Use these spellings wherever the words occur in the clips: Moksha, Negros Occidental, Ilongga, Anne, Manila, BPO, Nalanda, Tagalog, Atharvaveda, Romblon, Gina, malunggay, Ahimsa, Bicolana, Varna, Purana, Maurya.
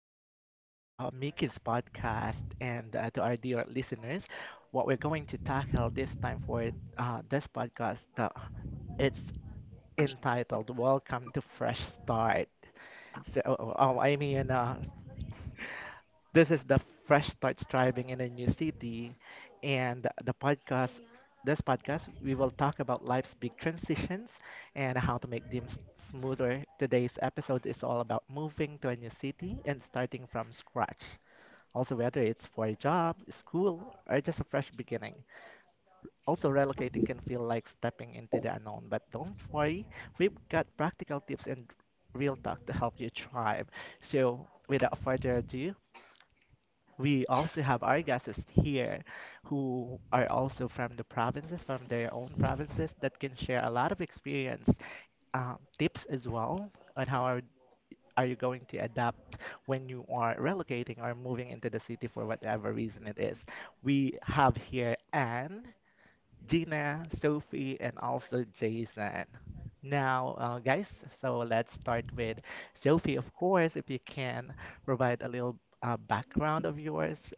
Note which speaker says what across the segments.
Speaker 1: Welcome again to Mickey's podcast and to our dear listeners. What we're going to tackle this time for this podcast, it's entitled "Welcome to Fresh Start." So, oh, oh, I mean, uh, this is the Fresh Start Striving in a New City, and the podcast. This podcast, we will talk about life's big transitions and how to make them smoother. Today's episode is all about moving to a new city and starting from scratch. Also, whether it's for a job, school, or just a fresh beginning. Also, relocating can feel like stepping into the unknown, but don't worry, we've got practical tips and real talk to help you thrive. So, without further ado, we also have our guests here who are also from the provinces, from their own provinces, that can share a lot of experience, tips as well on are you going to adapt when you are relocating or moving into the city for whatever reason it is. We have here Anne, Gina, Sophie, and also Jason. Now, guys, so let's start with Sophie, of course, if you can provide a little background of yours.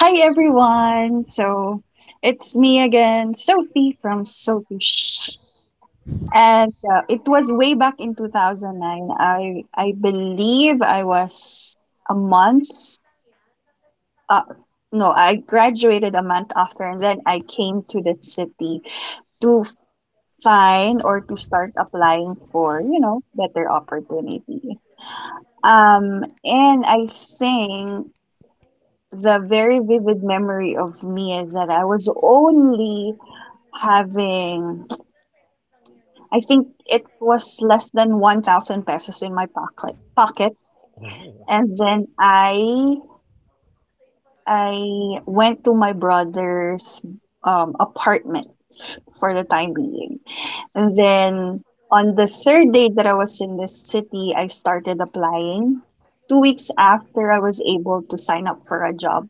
Speaker 2: Hi everyone. So it's me again, Sophie from Sophie. And it was way back in 2009. I believe I was a month, uh, no, I graduated a month after and then I came to the city to find or to start applying for, better opportunity. And I think the very vivid memory of me is that I was only having, I think it was less than 1,000 pesos in my pocket.
Speaker 1: Oh,
Speaker 2: And then I went to my brother's apartment for the time being. And then on the third day that I was in this city, I started applying. 2 weeks after, I was able to sign up for a job.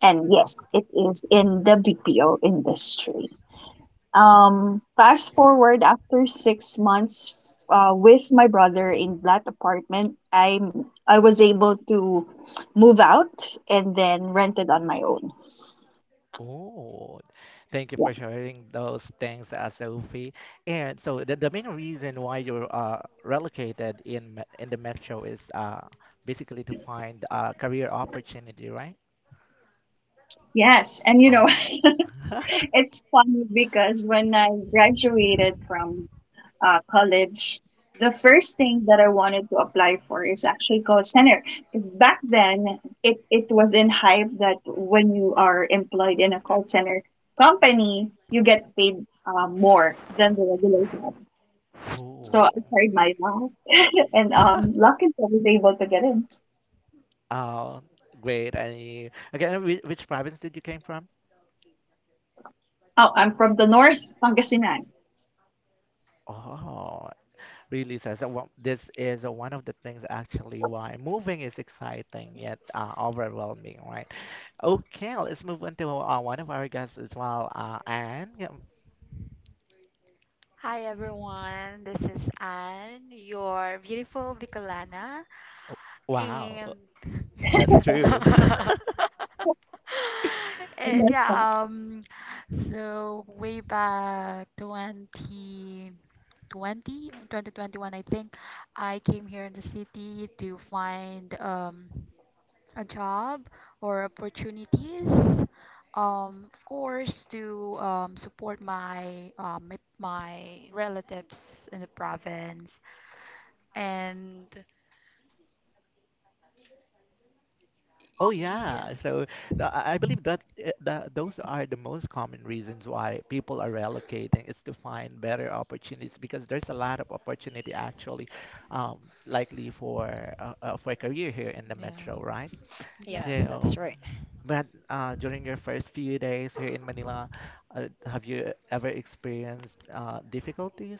Speaker 2: And yes, it is in the BPO industry. Fast forward, after 6 months with my brother in that apartment, I was able to move out and then rented on my own.
Speaker 1: oh, thank you
Speaker 2: Yeah.
Speaker 1: for sharing those things, Sophie. And so the main reason why you're relocated in in the metro is basically to find a career opportunity, right?
Speaker 2: Yes, and
Speaker 1: Oh,
Speaker 2: it's funny because when I graduated from college, the first thing that I wanted to apply for is actually call center. Because back then, it was in hype that when you are employed in a call center company, you get paid more than the regular job. So I
Speaker 1: oh,
Speaker 2: tried my luck, and lucky I was able to get in.
Speaker 1: oh, great. And you, again, which province did you came from?
Speaker 2: Oh, I'm from the north, Pangasinan. I
Speaker 1: Oh, really? So, so this is one of the things actually why moving is exciting yet overwhelming, right? Okay, let's move on to one of our guests as well, Anne. Yeah,
Speaker 3: Hi everyone, this is Anne, your beautiful Bicolana,
Speaker 1: oh, wow,
Speaker 3: and
Speaker 1: that's true.
Speaker 3: true. and
Speaker 2: love
Speaker 3: yeah,
Speaker 2: that.
Speaker 3: um, so way back 2020, 2021, I think I came here in the city to find a job or opportunities. Of course, to support my, my relatives in the province, and
Speaker 1: Oh
Speaker 3: yeah,
Speaker 1: yeah, so I believe that that those are the most common reasons why people are relocating. It's to find better opportunities because there's a lot of opportunity actually, um, likely for a career here in the
Speaker 3: yeah,
Speaker 1: metro, right?
Speaker 3: right? Yep,
Speaker 4: Yes,
Speaker 1: So,
Speaker 4: that's right.
Speaker 1: but during your first few days here in Manila, have you ever experienced difficulties?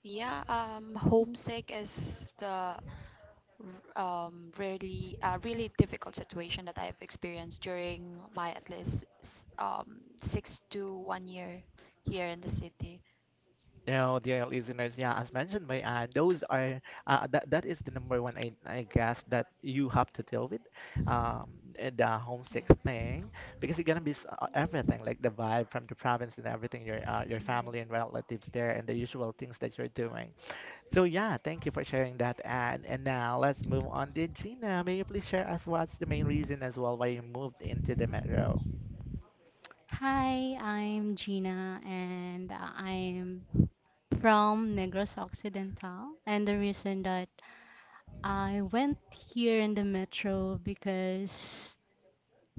Speaker 3: yeah. Homesick is the r- really difficult situation that I have experienced during my at least 6 to 1 year here in the city.
Speaker 1: You know, dear listeners, yeah, as mentioned by Anne, those are that is the number one I guess that you have to deal with, um, the homesick thing, because you're gonna miss everything, like the vibe from the province and everything, your family and relatives there, and the usual things that you're doing. So yeah, thank you for sharing that, Anne. And now let's move on to Gina. May you please share us what's the main reason as well why you moved into the metro?
Speaker 5: Hi, I'm Gina and I'm from Negros Occidental. And the reason that I went here in the metro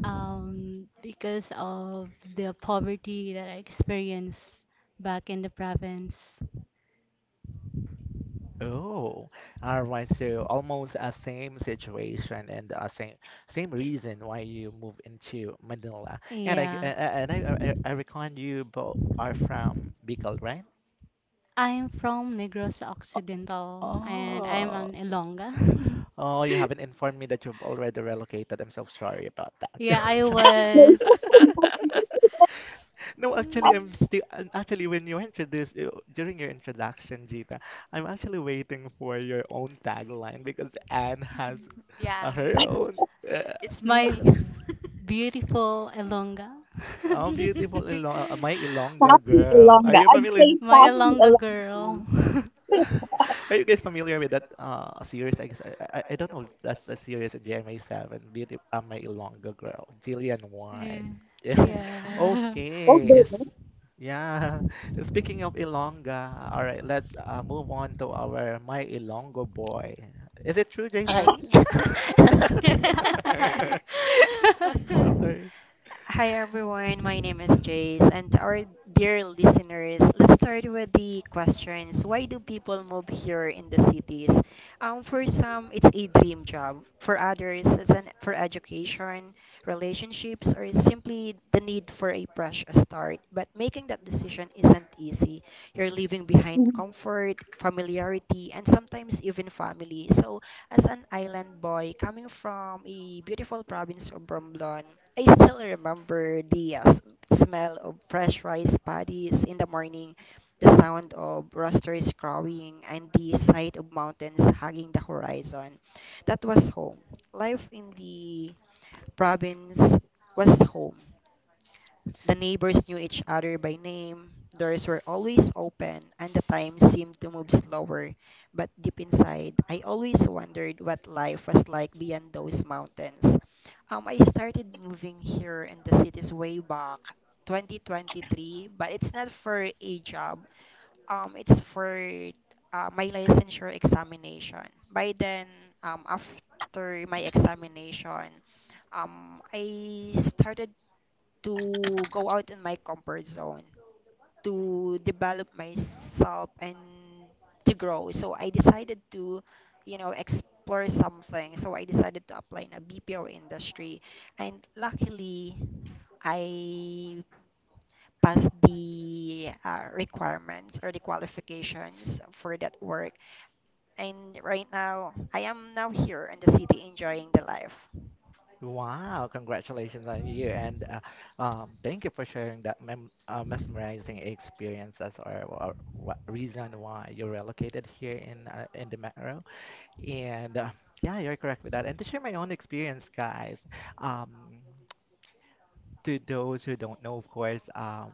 Speaker 5: because of the poverty that I experienced back in the province.
Speaker 1: Oh, all right. So almost a same situation and a same reason why you move into Manila. And I g-
Speaker 5: Yeah.
Speaker 1: a- and I reckon you both are from Bicol, right?
Speaker 5: I'm from Negros Occidental and I am
Speaker 1: Oh,
Speaker 5: an Ilongga.
Speaker 1: oh, you haven't informed me that you've already relocated. I'm so sorry about that.
Speaker 5: Yeah, I
Speaker 1: Just kidding.
Speaker 2: No,
Speaker 5: was
Speaker 1: No, actually, I'm still, and actually when you introduced during your introduction, Gita, I'm actually waiting for your own tagline because Anne has her own. Uh,
Speaker 3: it's
Speaker 5: my beautiful Elonga.
Speaker 1: oh, beautiful my Ilonga
Speaker 2: Pasig,
Speaker 1: girl. Are
Speaker 2: Ilongga.
Speaker 1: you
Speaker 2: I'd say
Speaker 1: familiar?
Speaker 5: My
Speaker 2: Pasig,
Speaker 5: Ilongga girl.
Speaker 2: Ilongga.
Speaker 1: Are you guys familiar with that series? I guess I don't know if that's a series in GMA Seven. Beauty, my Ilonga girl, Jillian White.
Speaker 5: yeah.
Speaker 1: Yeah.
Speaker 5: Yeah.
Speaker 2: Oh,
Speaker 1: Okay. It's
Speaker 2: baby.
Speaker 1: yeah. Speaking of Ilonga, all right. Let's move on to our my Ilongo boy. Is it true,
Speaker 4: I.
Speaker 1: Jason? I'm sorry.
Speaker 4: Hi everyone, my name is Jace, and to our dear listeners, let's start with the questions. Why do people move here in the cities? For some, it's a dream job. For others, it's an for education, relationships, or simply the need for a fresh start. But making that decision isn't easy. You're leaving behind comfort, familiarity, and sometimes even family. So as an island boy coming from a beautiful province of Romblon, I still remember the smell of fresh rice paddies in the morning, the sound of roosters crowing, and the sight of mountains hugging the horizon. That was home. Life in the province was home. The neighbors knew each other by name, doors were always open, and the time seemed to move slower. But deep inside, I always wondered what life was like beyond those mountains. I started moving here in the cities way back, 2023, but it's not for a job. It's for my licensure examination. By then, after my examination, I started to go out in my comfort zone, to develop myself and to grow. So I decided to, you know, explore something. So I decided to apply in a BPO industry. And luckily, I passed the requirements or the qualifications for that work. And right now, I am now here in the city enjoying the life.
Speaker 1: Wow, congratulations on you. And thank you for sharing that mem mesmerizing experience. That's our reason why you're relocated here in the metro. And yeah, you're correct with that. And to share my own experience, guys, um, to those who don't know, of course,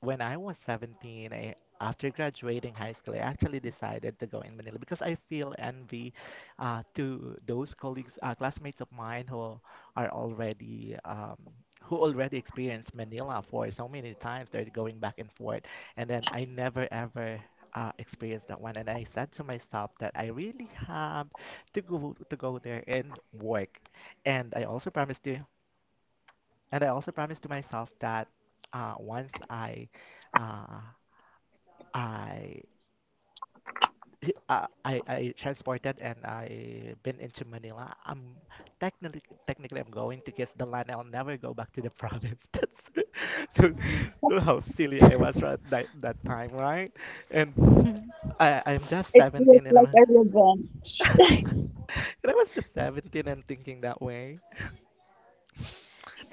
Speaker 1: when I was 17, I, after graduating high school, I actually decided to go in Manila because I feel envy to those colleagues, classmates of mine who are already who already experienced Manila for so many times. They're going back and forth, and then I never ever. Experienced that one, and I said to myself that I really have to go there and work, and I also promised to and I also promised to myself that once uh, I I transported and I been into Manila. I'm technically I'm going to get the line. I'll never go back to the province. That's so, so how silly I was right that time, right? And I I'm just
Speaker 2: It feels
Speaker 1: 17 and I'm
Speaker 2: like a revenge.
Speaker 1: and I was just 17 and thinking that way.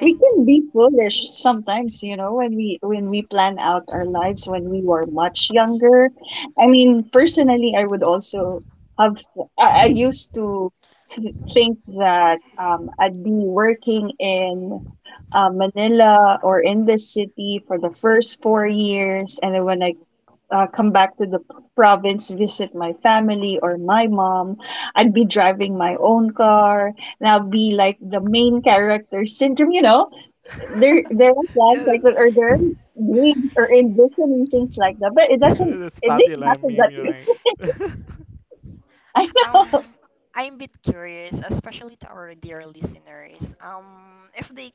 Speaker 2: We can be foolish sometimes, when we plan out our lives, when we were much younger. I mean, personally, I would also have I used to think that I'd be working in Manila or in the city for the first 4 years, and then when I come back to the province, visit my family or my mom. I'd be driving my own car, and I'll be like the main character syndrome. There there are plans
Speaker 1: Yeah,
Speaker 2: like that, or there dreams or envisioning things like that, but it doesn't
Speaker 1: that's
Speaker 2: it didn't
Speaker 1: popular
Speaker 2: happen
Speaker 1: meme,
Speaker 2: that way.
Speaker 1: right?
Speaker 2: I know.
Speaker 4: Um, I'm a bit curious, especially to our dear listeners. If they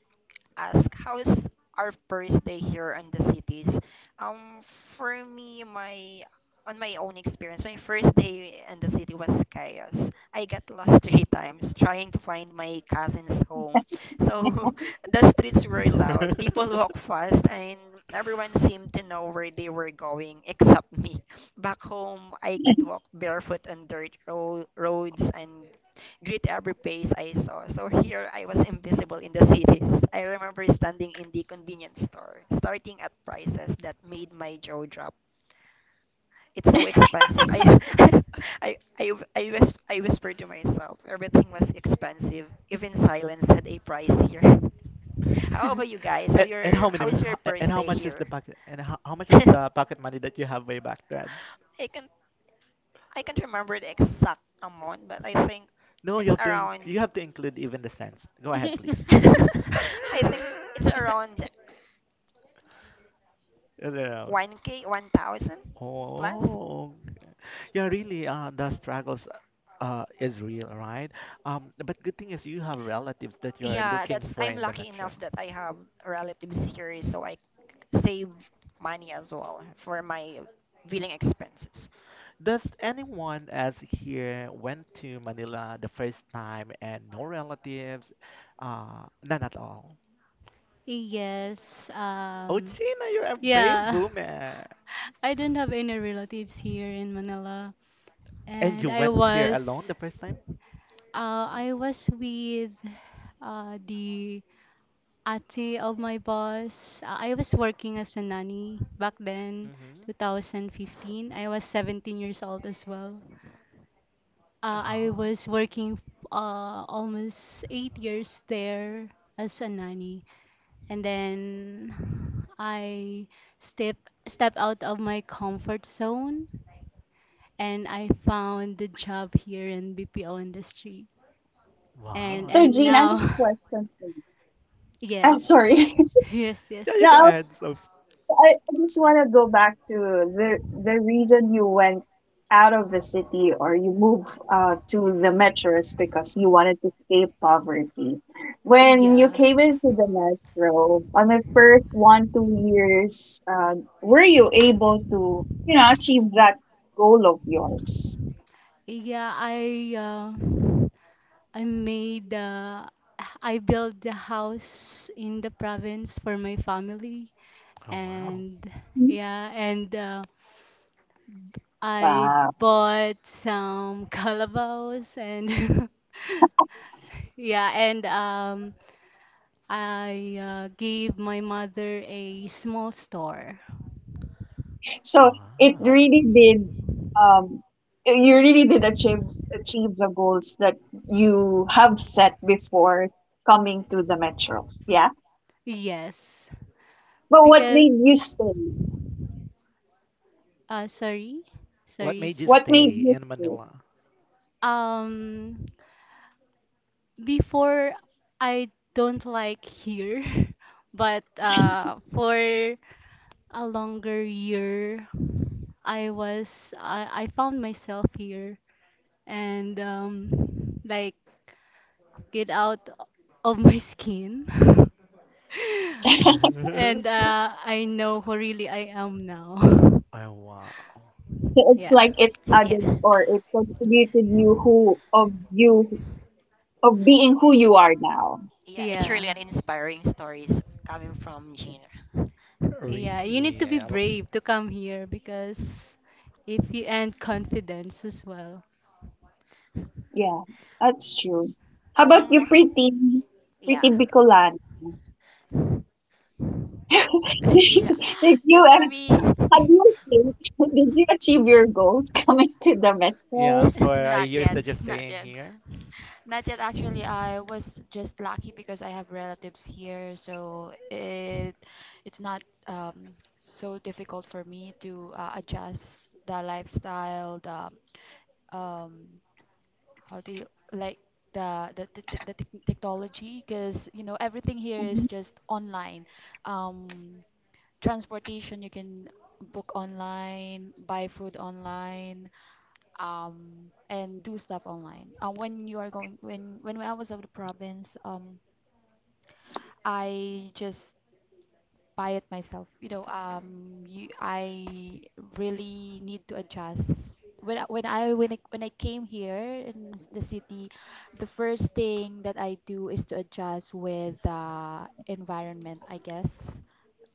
Speaker 4: ask how is our first day here in the cities? Um, for me, my on my own experience, my first day in the city was chaos. I got lost three times trying to find my cousin's home. So the streets were loud, people walk fast, and everyone seemed to know where they were going except me. Back home, I could walk barefoot on dirt roads and greet every face I saw. So here I was invisible in the cities. I remember standing in the convenience store, starting at prices that made my jaw drop. It's so expensive. I whispered to myself, everything was expensive. Even silence had a price here. How about you guys? How
Speaker 1: And
Speaker 4: your
Speaker 1: how
Speaker 4: how is your
Speaker 1: and
Speaker 4: first
Speaker 1: how
Speaker 4: day
Speaker 1: much is the
Speaker 4: here?
Speaker 1: pocket and how much is
Speaker 4: I
Speaker 1: the pocket money that you have way back then?
Speaker 4: can I can't remember the exact amount, but I think
Speaker 1: No, you
Speaker 4: it's
Speaker 1: have to
Speaker 4: around
Speaker 1: you have to include even the cents. Go ahead, please.
Speaker 4: I think it's around
Speaker 1: You know,
Speaker 4: 1K, 1,000 plus.
Speaker 1: oh, okay. Yeah, really. The struggles is real, right? But good thing is you have relatives that you are
Speaker 4: Yeah,
Speaker 1: looking
Speaker 4: that's
Speaker 1: for
Speaker 4: I'm
Speaker 1: in the
Speaker 4: lucky
Speaker 1: metro.
Speaker 4: enough that I have relatives here, so I save money as well for my billing expenses.
Speaker 1: Does anyone else here went to Manila the first time and no relatives? None at all.
Speaker 5: Yes.
Speaker 1: Oh, Gina, you're a brave
Speaker 5: Yeah.
Speaker 1: woman.
Speaker 5: I didn't have any relatives here in Manila,
Speaker 1: And
Speaker 5: and
Speaker 1: you went here alone the first time?
Speaker 5: I was with the Ate of my boss. I was working as a nanny back then,
Speaker 1: Mm-hmm.
Speaker 5: 2015. I was 17 years old as well. I
Speaker 1: Oh,
Speaker 5: was working almost 8 years there as a nanny. And then I step step out of my comfort zone and I found the job here in BPO industry. And
Speaker 1: wow.
Speaker 2: So Gene, I have a
Speaker 5: now.
Speaker 2: question for you. I'm
Speaker 5: Yes.
Speaker 2: sorry.
Speaker 5: Yes, yes.
Speaker 1: Yeah, you
Speaker 2: No,
Speaker 1: go
Speaker 2: I
Speaker 1: ahead, so
Speaker 2: I, I just want to go back to the reason you went out of the city, or you moved to the metro is because you wanted to escape poverty. When you
Speaker 5: Yeah.
Speaker 2: came into the metro, on the first 1-2 years, were you able to achieve that goal of yours?
Speaker 5: Yeah, I I made I built the house in the province for my family,
Speaker 1: oh, wow.
Speaker 5: and
Speaker 2: Mhm.
Speaker 5: yeah, and I
Speaker 2: Wow.
Speaker 5: bought some calabash and yeah, and I gave my mother a small store.
Speaker 2: So it
Speaker 1: Wow.
Speaker 2: really did um you really did achieve the goals that you have set before coming to the metro. Yeah.
Speaker 5: Yes,
Speaker 2: But what
Speaker 5: because
Speaker 2: made you stay?
Speaker 5: uh, sorry,
Speaker 1: What
Speaker 5: sorry.
Speaker 1: made
Speaker 5: s-
Speaker 1: you
Speaker 2: What made
Speaker 1: stay
Speaker 2: you
Speaker 1: in
Speaker 2: stay?
Speaker 1: Manila?
Speaker 5: Um, Before I don't like here, but for a longer year, I found myself here and like get out of my skin, and I know who really I am now.
Speaker 1: Oh, wow.
Speaker 2: So it's
Speaker 5: Yeah,
Speaker 2: like it added,
Speaker 4: Yeah,
Speaker 2: or it contributed you who of you, of being who you are now.
Speaker 4: yeah, it's really
Speaker 5: yeah.
Speaker 4: an inspiring stories coming from Gina.
Speaker 5: Yeah, you need to
Speaker 1: Really?
Speaker 5: be brave to come here because if you and confidence as well.
Speaker 2: Yeah, that's true. How about you,
Speaker 4: Um,
Speaker 2: pretty,
Speaker 4: yeah,
Speaker 2: pretty Bicolana?
Speaker 3: Yeah,
Speaker 2: Did you
Speaker 3: yeah. For me,
Speaker 2: How do you think? Did you achieve your goals coming to the
Speaker 1: Yeah,
Speaker 2: metro?
Speaker 1: for a
Speaker 3: not
Speaker 1: years
Speaker 3: yet,
Speaker 1: that you're
Speaker 3: not
Speaker 1: staying
Speaker 3: yet,
Speaker 1: here?
Speaker 3: not yet. Actually, I was just lucky because I have relatives here, so it's not um, so difficult for me to adjust the lifestyle, the um, how do you like the technology? Because you know everything here is
Speaker 2: Mm-hmm.
Speaker 3: just online. Um, Transportation, you can book online, buy food online, and do stuff online. When you are going when I was out of the province, I just buy it myself. I really need to adjust when I came here in the city. The first thing that I do is to adjust with the environment, I guess,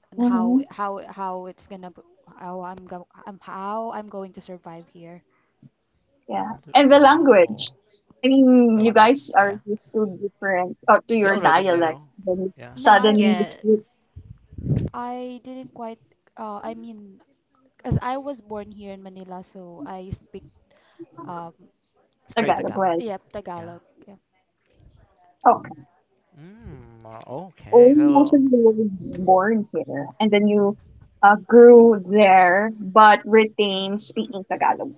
Speaker 3: and
Speaker 2: Mm-hmm.
Speaker 3: how how I'm go I'm how I'm going to survive here.
Speaker 2: Yeah. And the language.
Speaker 1: Oh,
Speaker 2: I mean,
Speaker 1: the
Speaker 3: Yeah.
Speaker 2: you
Speaker 1: language.
Speaker 2: guys are
Speaker 1: Yeah.
Speaker 2: used to different, or to
Speaker 1: You
Speaker 2: your
Speaker 1: already
Speaker 2: dialect,
Speaker 1: knew.
Speaker 2: then
Speaker 1: Yeah.
Speaker 3: No, I
Speaker 2: suddenly you
Speaker 5: Yes,
Speaker 2: speak
Speaker 3: I didn't quite I mean, as I was born here in Manila, so I speak um
Speaker 1: Straight
Speaker 2: Tagalog.
Speaker 1: Tagalog.
Speaker 2: Well,
Speaker 3: yeah,
Speaker 1: Yeah.
Speaker 3: Tagalog. Yeah.
Speaker 2: okay.
Speaker 1: Okay.
Speaker 2: Oh, most of
Speaker 1: So
Speaker 2: you were born here, and then you grew there, but
Speaker 3: Yeah.
Speaker 2: retained speaking Tagalog.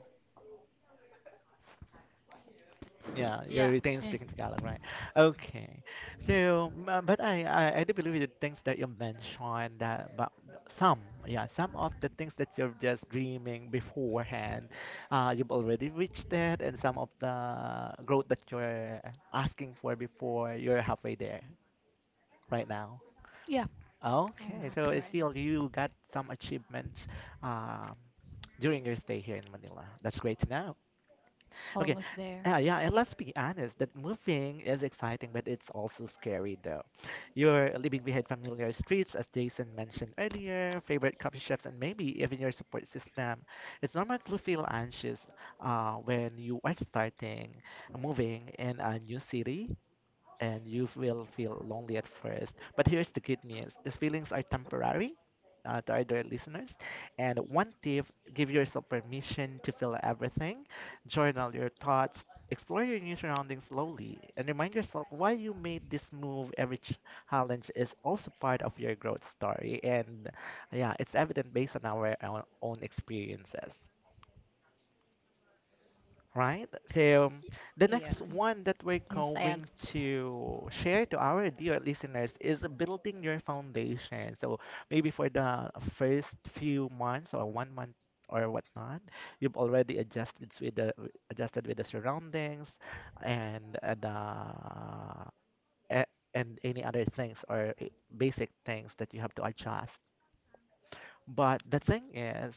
Speaker 1: yeah, you are
Speaker 3: Yeah.
Speaker 1: retain
Speaker 3: Yeah.
Speaker 1: speaking Tagalog, right? Okay. So, but I do believe the things that you mentioned that, but some, yeah, some of the things that you're just dreaming beforehand, you've already reached it, and some of the growth that you're asking for before, you're halfway there right now. Okay, so it's still you got some achievements, um, during your stay here in Manila. That's great to know. Okay.
Speaker 3: Almost there.
Speaker 1: Yeah, and let's be honest, that moving is exciting, but it's also scary though. You're leaving behind familiar streets, as Jason mentioned earlier, favorite coffee shops, and maybe even your support system. It's normal to feel anxious when you are starting moving in a new city, and you will feel lonely at first. But here's the good news these feelings are temporary. To our dear listeners, and one tip: give yourself permission to feel everything. Journal your thoughts, explore your new surroundings slowly, and remind yourself why you made this move. Every challenge is also part of your growth story, and yeah, it's evident based on our own experiences. Right? So the
Speaker 4: yeah.
Speaker 1: next one that we're
Speaker 5: yes, I
Speaker 1: going
Speaker 5: agree.
Speaker 1: to share to our dear listeners is building your foundation. So maybe for the first few months or one month or whatnot, you've already adjusted with the surroundings and a- and any other things or basic things that you have to adjust. But the thing is,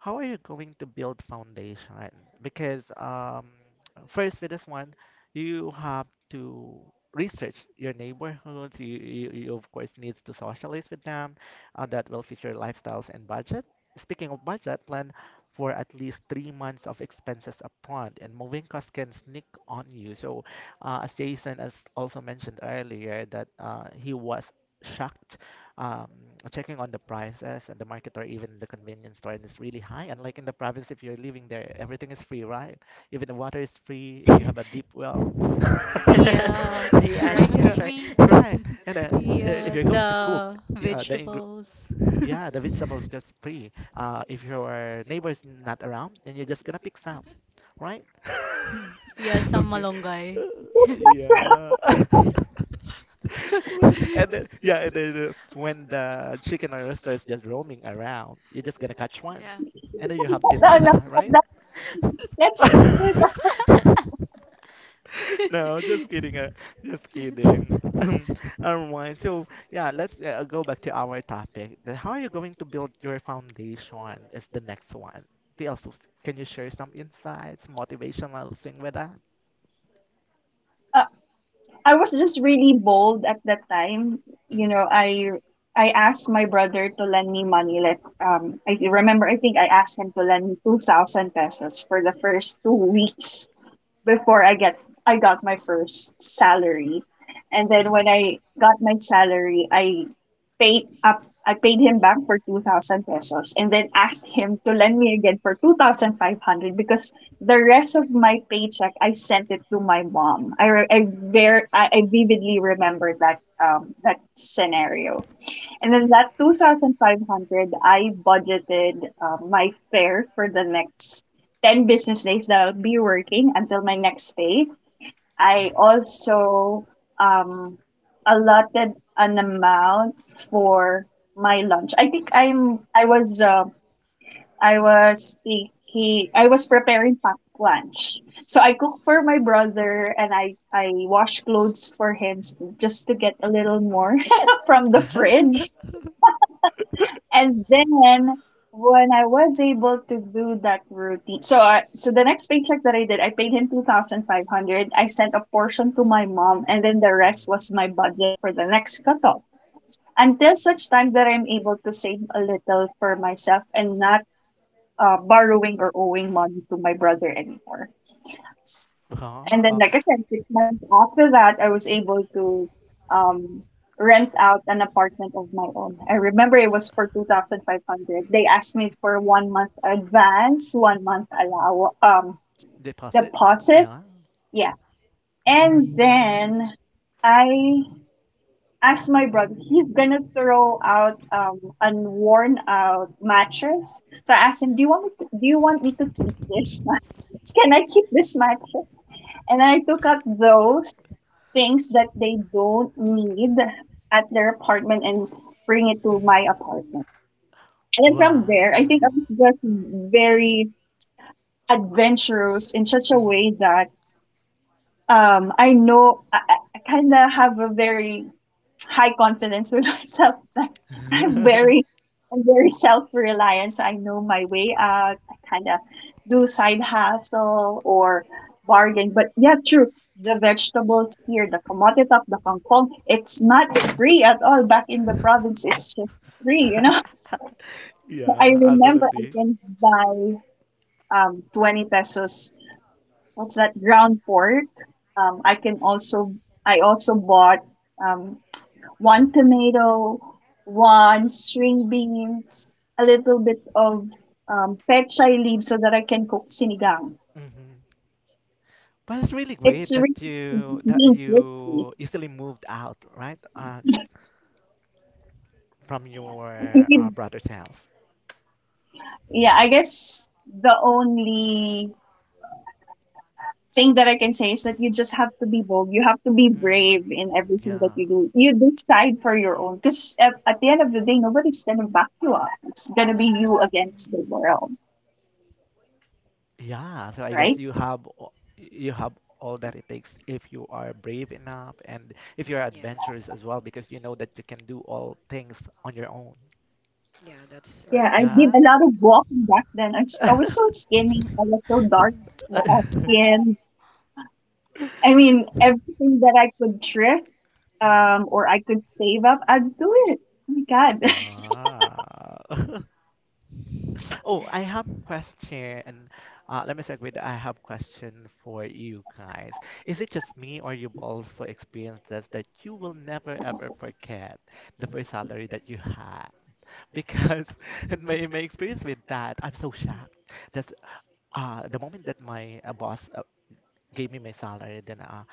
Speaker 1: how are you going to build foundation? Because first with this one, you have to research your neighborhoods. You of course needs to socialize with them. That will feature lifestyles and budget. Speaking of budget, plan for at least three months of expenses upfront, and moving costs can sneak on you. So, as Jason has also mentioned earlier, that he was shocked um, checking on the prices at the market or even the convenience store, and it's really high. Unlike in the province, if you're living there, everything is free, right? Even the water is free if you have a deep well.
Speaker 5: Yeah,
Speaker 3: The
Speaker 4: yeah,
Speaker 3: rice
Speaker 4: that's
Speaker 1: Yeah,
Speaker 3: is free.
Speaker 1: right. And if you're
Speaker 5: yeah,
Speaker 1: going to cook,
Speaker 5: the
Speaker 1: yeah, the ingre
Speaker 5: vegetables.
Speaker 1: yeah, the vegetables just free. If your neighbor's not around, then you're just gonna pick some, right?
Speaker 5: Yeah, some
Speaker 1: Okay.
Speaker 2: That's not
Speaker 5: malunggay.
Speaker 2: true. That's not
Speaker 1: Yeah.
Speaker 2: true.
Speaker 3: Yes.
Speaker 4: right.
Speaker 1: And then yeah, and then when the chicken or rooster is just roaming around, you're just gonna catch one,
Speaker 3: Yeah.
Speaker 1: and then you have
Speaker 2: No, no,
Speaker 1: tinola,
Speaker 2: no,
Speaker 1: right?
Speaker 2: no. That's,
Speaker 1: No, just kidding. Just kidding. Alright, so yeah, let's go back to our topic. How are you going to build your foundation is the next one. TLC, can you share some insights, motivational thing with that?
Speaker 2: I was just really bold at that time. You
Speaker 1: Hmm.
Speaker 2: know, I asked my brother to lend me money. Like I remember, I think I asked him to lend me 2000 pesos for the first 2 weeks before I got my first salary. And then when
Speaker 1: Mm-hmm.
Speaker 2: I got my salary, I paid him back for 2000 pesos, and then asked him to lend me again for 2,500, because the rest of my paycheck I sent it to my mom. I re- I ver- I vividly remember that that scenario. And then that 2,500, I budgeted my fare for the next 10 business days that I'll be working until my next pay. I also um, allotted an amount for my lunch. I think I was thinking I was preparing packed lunch. So I cook for my brother, and I wash clothes for him, just to get a little more from the fridge.
Speaker 1: Mm-hmm.
Speaker 2: And then when I was able to do that routine, so the next paycheck that I did, I paid him 2,500. I sent a portion to my mom, and then the rest was my budget for the next cutoff. Until such time that I'm able to save a little for myself and not borrowing or owing money to my brother anymore.
Speaker 1: Mm-hmm.
Speaker 2: And then,
Speaker 1: Oh,
Speaker 2: like I said, 6 months after that, I was able to um, rent out an apartment of my own. I remember it was for 2,500. They asked me for one month advance, one month allow
Speaker 1: deposit.
Speaker 2: deposit.
Speaker 1: Yeah.
Speaker 2: Yeah. And then I ask my brother, he's gonna throw out a worn out mattress. So I asked him, "Do you want me to, do you want me to keep this mattress?" Can I keep this mattress? And I took out those things that they don't need at their apartment and bring it to my
Speaker 1: Mhm.
Speaker 2: apartment. And then from there, I
Speaker 1: Wow.
Speaker 2: think I was just very adventurous in such a
Speaker 1: Mhm.
Speaker 2: way that I know, I kind of have a very high confidence with myself. Like I'm very, I'm very self reliant. So I know my way out. I kind of do side hustle or bargain. But yeah, true. The vegetables here, the kamote top, the kangkong, it's not free at all. Back in the province, it's just free, you know? So I
Speaker 1: Yeah,
Speaker 2: remember I
Speaker 1: absolutely.
Speaker 2: can buy 20 pesos. What's that? Ground pork. Um, I can also, I also bought um one tomato, one string beans, a little bit of pechay leaves so that I can cook sinigang.
Speaker 1: Mhm. But it's really great
Speaker 2: It's
Speaker 1: that
Speaker 2: really beans risky.
Speaker 1: you easily moved out, right? From your
Speaker 2: You-
Speaker 1: brother's house.
Speaker 2: yeah, I guess the only thing that I can say is that you just have to be bold. You have to be brave
Speaker 1: Mhm.
Speaker 2: in everything that
Speaker 1: Yeah.
Speaker 2: you do. You decide for your own because at the end of the day, nobody's gonna back you up. It's gonna be you against
Speaker 3: It's
Speaker 2: the world,
Speaker 1: Yeah, so I guess
Speaker 2: right?
Speaker 1: you have you have all that it takes if you are brave enough and if you're
Speaker 4: yeah,
Speaker 1: adventurous as well because you know that you can do all things on your own.
Speaker 4: yeah, that's right.
Speaker 2: Yeah, I did
Speaker 1: Yeah.
Speaker 2: a lot of walking back then. I was so skinny. I was so dark skin. I mean, everything that I could thrift
Speaker 1: Mhm.
Speaker 2: or I could save up, I'd do it. Oh my God.
Speaker 1: Wow. Oh, I have question. Let me segue that I have question for you guys. Is it just me or you've also experienced this that you will never ever forget the first salary that you had? Because in my experience with that, I'm so shocked. That's the moment that my boss gave me my salary, then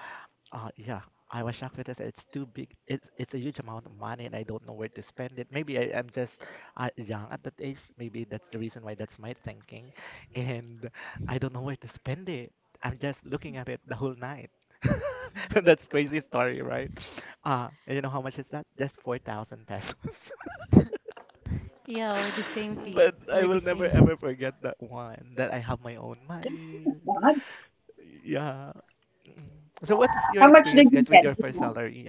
Speaker 1: uh, yeah, I was shocked because it's too big. It's a huge amount of money, and I don't know where to spend it. Maybe I am just young at that age. Maybe that's the reason why that's my thinking, and I don't know where to spend it. I'm just looking at it the whole night. That's crazy story, right? And you know
Speaker 2: Wow.
Speaker 1: how much is that? Just 4,000 pesos.
Speaker 5: Yeah, we're the same, Tia.
Speaker 1: But I
Speaker 5: We're the
Speaker 1: will never
Speaker 5: same.
Speaker 1: ever forget that one. That I have my own
Speaker 3: house,
Speaker 1: money.
Speaker 2: God.
Speaker 1: Yeah. Mm. So what's your
Speaker 2: How much did
Speaker 1: experience, guys,
Speaker 2: you
Speaker 1: with
Speaker 2: get,
Speaker 1: your first
Speaker 2: Gina?
Speaker 1: salary?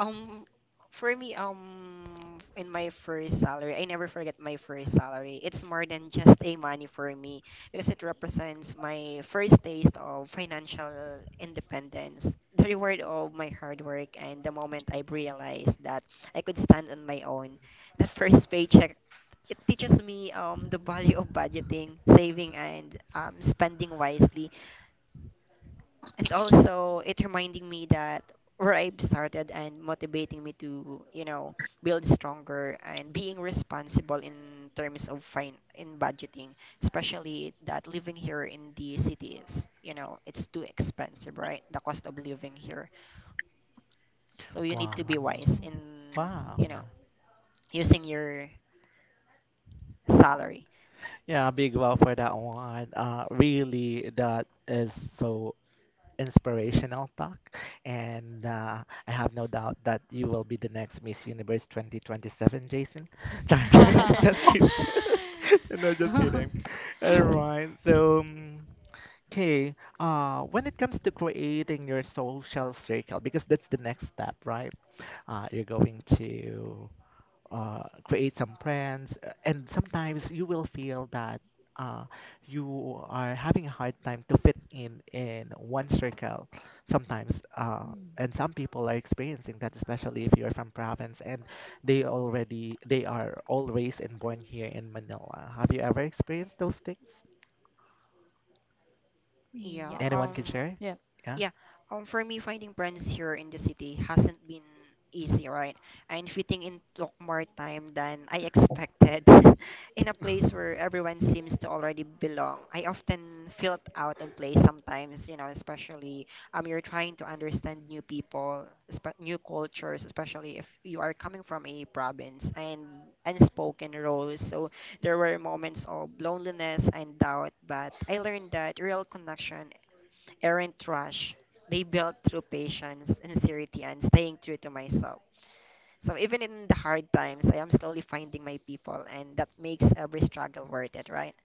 Speaker 4: Um, for me, in my first salary, I never forget my first salary. It's more than just a money for me because it represents my first taste of financial independence, the reward of my hard work, and the moment I realized that I could stand on my own. That first paycheck, it teaches me the value of budgeting, saving, and spending wisely, and also it reminding me that where I've started and motivating me to, you know, build stronger and being responsible in terms of fine in budgeting, especially that living here in the city is, you know, it's too expensive, right? The cost of living here. So you need to be
Speaker 1: Wow.
Speaker 4: wise
Speaker 3: Mm.
Speaker 4: in,
Speaker 1: Wow,
Speaker 4: you
Speaker 1: yeah.
Speaker 4: know, using your salary.
Speaker 1: Yeah, a big wow for that one. Really, that is so inspirational talk. And I have no doubt that you will be the next Miss Universe 2027, Jason. Just kidding. No, just kidding. All right. When it comes to creating your social circle, because that's the next step, right? You're going to create some friends, and sometimes you will feel that uh, you are having a hard time to fit in one circle sometimes. And some people are experiencing that, especially if you're from province and they are all raised and born here in Manila. Have you ever experienced those things?
Speaker 4: Yeah,
Speaker 3: anyone
Speaker 1: Anyone can
Speaker 4: um
Speaker 1: share?
Speaker 3: Yep.
Speaker 1: Yeah.
Speaker 4: Yeah, for me, finding friends here in the city hasn't been easy, right? And fitting in took more time than I expected. In a place where everyone seems to already belong, I often felt out of place sometimes, you know, especially you're trying to understand new people, espe- new cultures, especially if you are coming from a province and unspoken roles. So there were moments of loneliness and doubt, but I learned that real connection aren't rush. They built through patience, sincerity, and staying true to myself. So even in the hard times, I am slowly finding my people, and that makes every struggle worth it, right?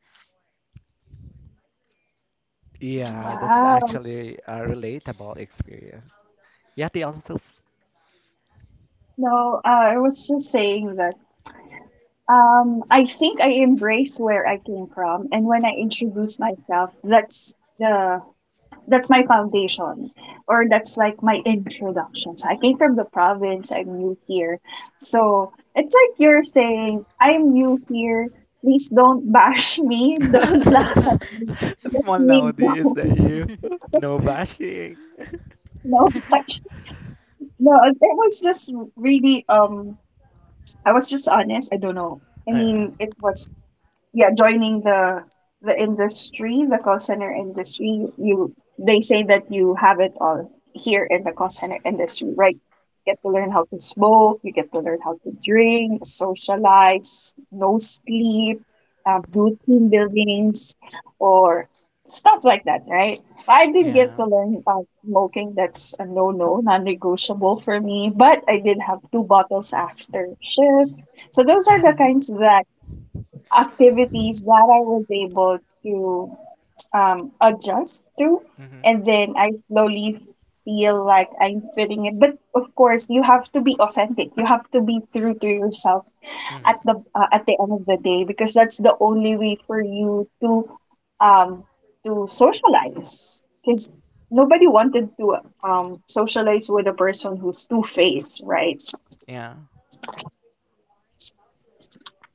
Speaker 1: Yeah,
Speaker 3: Yep.
Speaker 1: that's
Speaker 2: Wow.
Speaker 1: actually a relatable experience. Yeah, they also.
Speaker 2: No, I was just saying that. I think I embrace where I came from, and when I introduce myself, the that's my foundation, or that's like my introduction. So I came from the province. I'm new here, so it's like you're saying I'm new here. Please don't bash me. Don't laugh at
Speaker 3: Yep.
Speaker 2: me. Let
Speaker 1: Small
Speaker 2: me
Speaker 1: nowadays
Speaker 2: know.
Speaker 1: that you. No bashing.
Speaker 2: No, no. It was just really. I was just honest. I don't know. I
Speaker 1: Yeah.
Speaker 2: mean, it was, yeah, joining the industry, the call center industry, you they say that you have it all here in the call center industry, right. You get to learn how to smoke, you get to learn how to drink, socialize, no sleep, do team buildings, or stuff like that, right. I did get
Speaker 1: Yeah.
Speaker 2: to learn about smoking, that's a no-no, non-negotiable for me, but I did have 2 bottles after shift. So those are the kinds that activities that I was able to adjust to.
Speaker 1: hmm
Speaker 2: And then I slowly feel like I'm fitting it. But of course, you have to be authentic. You have to be true to yourself at
Speaker 1: hmm
Speaker 2: the uh, at the end of the day, because that's the only way for you to um to socialize. Because nobody wanted to socialize with a person who's two faced, right?
Speaker 1: Yeah.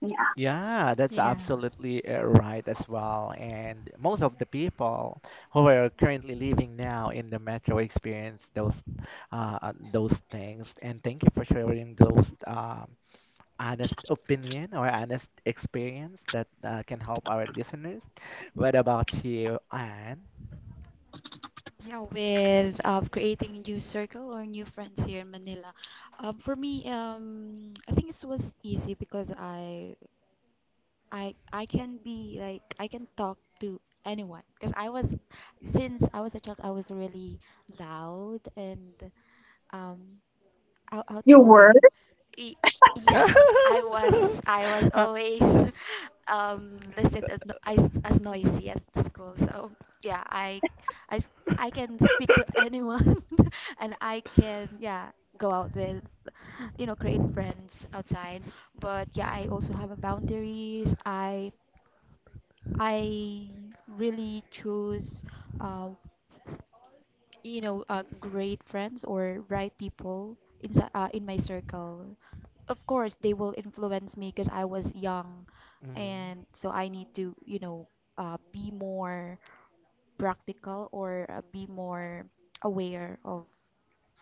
Speaker 2: Yeah.
Speaker 1: Yeah, that's
Speaker 5: Yeah.
Speaker 1: absolutely right as well. And most of the people who are currently living now in the metro experience those things. And thank you for sharing those honest opinion or honest experience that can help our listeners. What about you, Anne?
Speaker 3: Yeah, with creating new circle or new friends here in Manila. For me, I think it was easy because I can talk to anyone because I was since I was a child I was really loud and um out
Speaker 2: You were.
Speaker 3: outgoing. E- yeah, I was always listed as, no- as noisy at the school. So yeah, I, s- I can speak to anyone, and I can yeah go out with, create friends outside. But yeah, I also have a boundaries. I really choose, uh, great friends or right people in my circle. Of course, they will influence me because I was young,
Speaker 1: Mhm,
Speaker 3: and so I need to, be more practical, or be more aware of,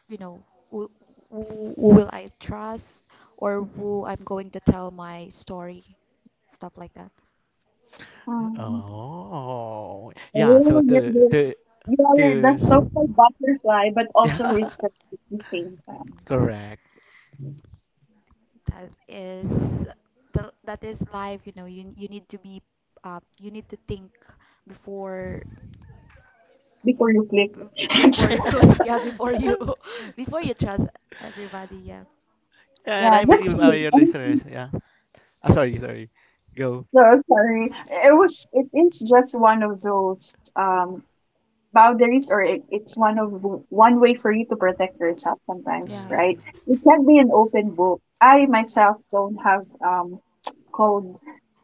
Speaker 3: you know, who, who will I trust, or who
Speaker 1: mhm.
Speaker 3: I'm going to tell my story, stuff like that.
Speaker 1: Oh, yeah. So
Speaker 2: Oh,
Speaker 1: the the
Speaker 2: you are the
Speaker 1: the
Speaker 2: social butterfly, but also
Speaker 1: yeah,
Speaker 2: research at the same time,
Speaker 1: correct.
Speaker 3: That is that is life, you know. You need to think before
Speaker 2: before you click.
Speaker 3: b- before you click, yeah, before you before you trust everybody, yeah.
Speaker 1: Yeah, and
Speaker 2: Yeah,
Speaker 1: I
Speaker 2: that's
Speaker 1: believe
Speaker 2: me.
Speaker 1: our your
Speaker 2: I'm
Speaker 1: listeners. Yeah. Ah, sorry, sorry. Go.
Speaker 2: so sorry. It is just one of those boundaries, or it's one way for you to protect yourself sometimes,
Speaker 3: Yeah.
Speaker 2: right.
Speaker 1: Mm,
Speaker 2: It can be an open book. I myself don't have called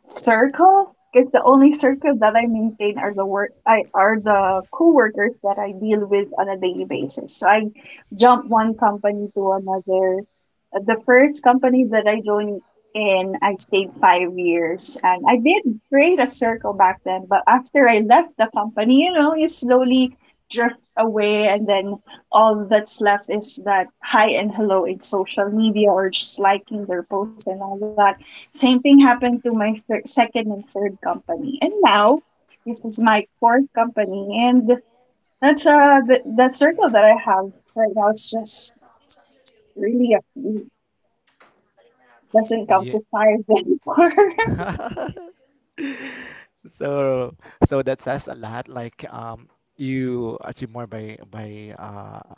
Speaker 2: circle, because the only circle that I maintain are the coworkers that I deal with on a daily basis. So I jump one company to another. The first company that I joined, and I stayed 5 years. And I did create a circle back then, but after I left the company, you slowly drift away, and then all that's left is that hi and hello in social media, or just liking their posts and all that. Same thing happened to my second and third company, and now this is my fourth company. And that's the circle that I have right now is just really doesn't come
Speaker 1: yeah.
Speaker 2: to five anymore.
Speaker 1: So so that says a lot. You achieve more by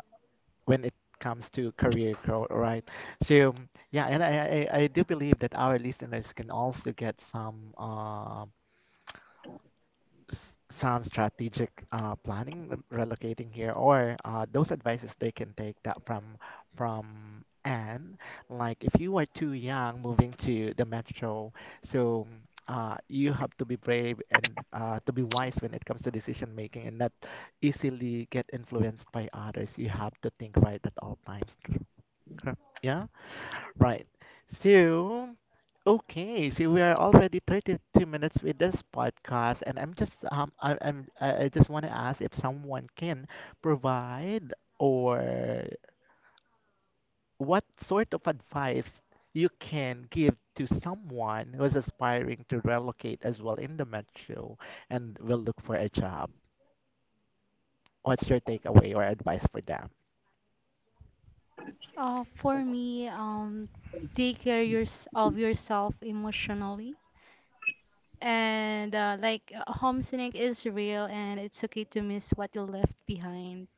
Speaker 1: when it comes to career growth, right? So yeah, and I do believe that our listeners can also get some s- some strategic planning relocating here or those advices they can take that from Anne. Like if you are too young moving to the metro, so you have to be brave and to be wise when it comes to decision making and not easily get influenced by others. You have to think right at all times, crap. Yeah, right. So, okay, so we are already 32 minutes with this podcast, and I'm just I, I'm I just want to ask if someone can provide or what sort of advice you can give to someone who is aspiring to relocate as well in the metro and will look for a job. What's your takeaway or advice for them?
Speaker 5: For me, take care yours of yourself emotionally. And like homesick is real, and it's okay to miss what you left behind.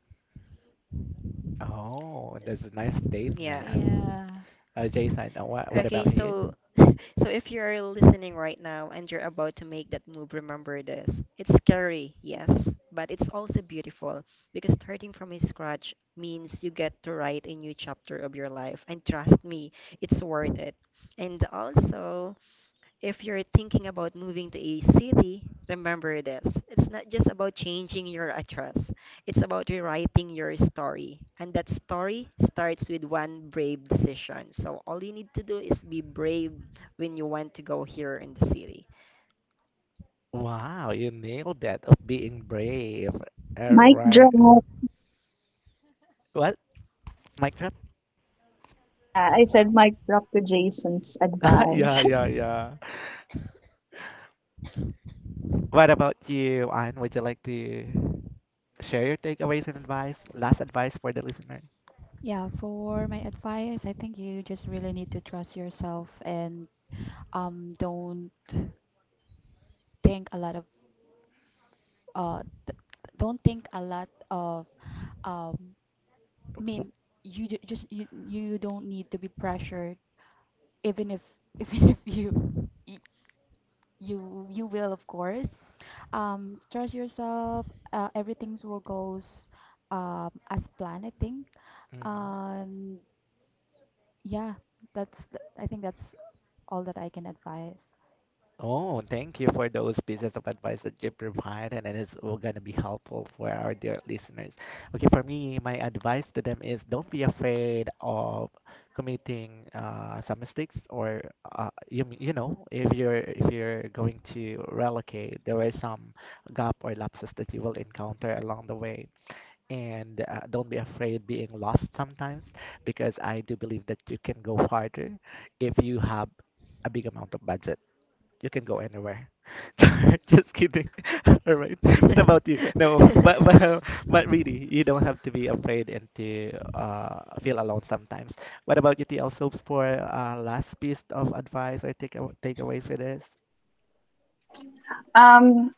Speaker 1: Oh, that's a nice
Speaker 4: yeah.
Speaker 1: statement.
Speaker 5: Yeah.
Speaker 1: Jason, what
Speaker 4: Okay,
Speaker 1: about
Speaker 4: so
Speaker 1: you?
Speaker 4: so if you're listening right now and you're about to make that move, remember this. It's scary, yes, but it's also beautiful because starting from a scratch means you get to write a new chapter of your life. And trust me, it's worth it. And also, if you're thinking about moving to a city, remember this. It's not just about changing your address. It's about rewriting your story. And that story starts with one brave decision. So all you need to do is be brave when you want to go here in the city.
Speaker 1: Wow, you nailed that of being brave. All
Speaker 2: Mic
Speaker 1: right.
Speaker 2: drop.
Speaker 1: What? Mic drop?
Speaker 2: Yeah, I said mic drop to Jason's
Speaker 1: Yeah,
Speaker 2: advice.
Speaker 1: yeah, yeah. What about you, Anne? Would you like to share your takeaways and advice, last advice for the listener?
Speaker 3: Yeah, for my advice, I think you just really need to trust yourself, and don't think a lot of uh th- don't think a lot of um mean you ju- just you, you don't need to be pressured, even if even if you y- you you will, of course, trust yourself. Everything's will goes as planned, I think.
Speaker 1: Hmm
Speaker 3: um Yeah, I think that's all that I can advise.
Speaker 1: Oh, thank you for those pieces of advice that you provide, and it's going to be helpful for our dear listeners. Okay, for me, my advice to them is don't be afraid of committing some mistakes, or you know, if you're going to relocate, there are some gap or lapses that you will encounter along the way, and don't be afraid being lost sometimes, because I do believe that you can go farther if you have a big amount of budget you can go anywhere. Just kidding. All right. What about you? No, but really, you don't have to be afraid and to feel alone sometimes. What about you, TL Soaps, for last piece of advice or takeaways for this?
Speaker 2: um,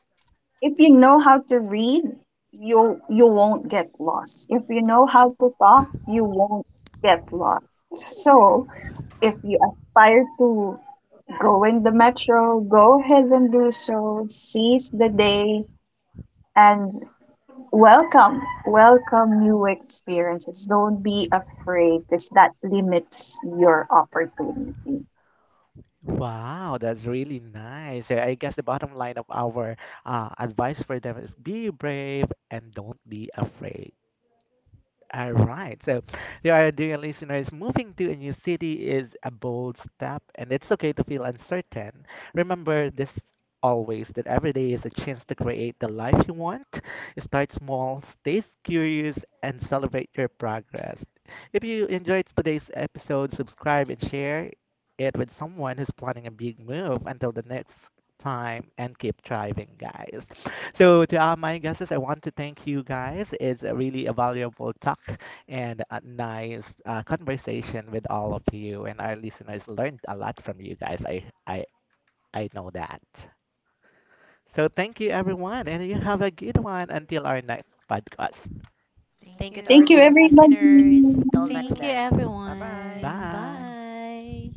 Speaker 2: if you know how to read, you won't get lost. If you know how to talk, you won't get lost. So, if you aspire to go in the metro, go ahead and do so. Seize the day, and welcome new experiences. Don't be afraid because that limits your opportunity.
Speaker 1: Wow, that's really nice. Yeah, I guess the bottom line of our advice for them is be brave and don't be afraid. All right. So, the our dear listeners, moving to a new city is a bold step, and it's okay to feel uncertain. Remember this always that every day is a chance to create the life you want. Start small, stay curious, and celebrate your progress. If you enjoyed today's episode, subscribe and share it with someone who's planning a big move. Until the next time, and keep thriving, guys. So, to all my guests, I want to thank you guys. It's a really a valuable talk and a nice conversation with all of you, and our listeners learned a lot from you guys. I know that. So, thank you, everyone, and you have a good one until our next podcast.
Speaker 4: Thank you to our
Speaker 2: Thank you,
Speaker 4: dear
Speaker 2: everybody.
Speaker 4: listeners.
Speaker 3: Thank
Speaker 4: Till next
Speaker 5: Thank you,
Speaker 3: you.
Speaker 4: then. Bye bye.
Speaker 5: everyone.
Speaker 1: Bye.
Speaker 5: Bye.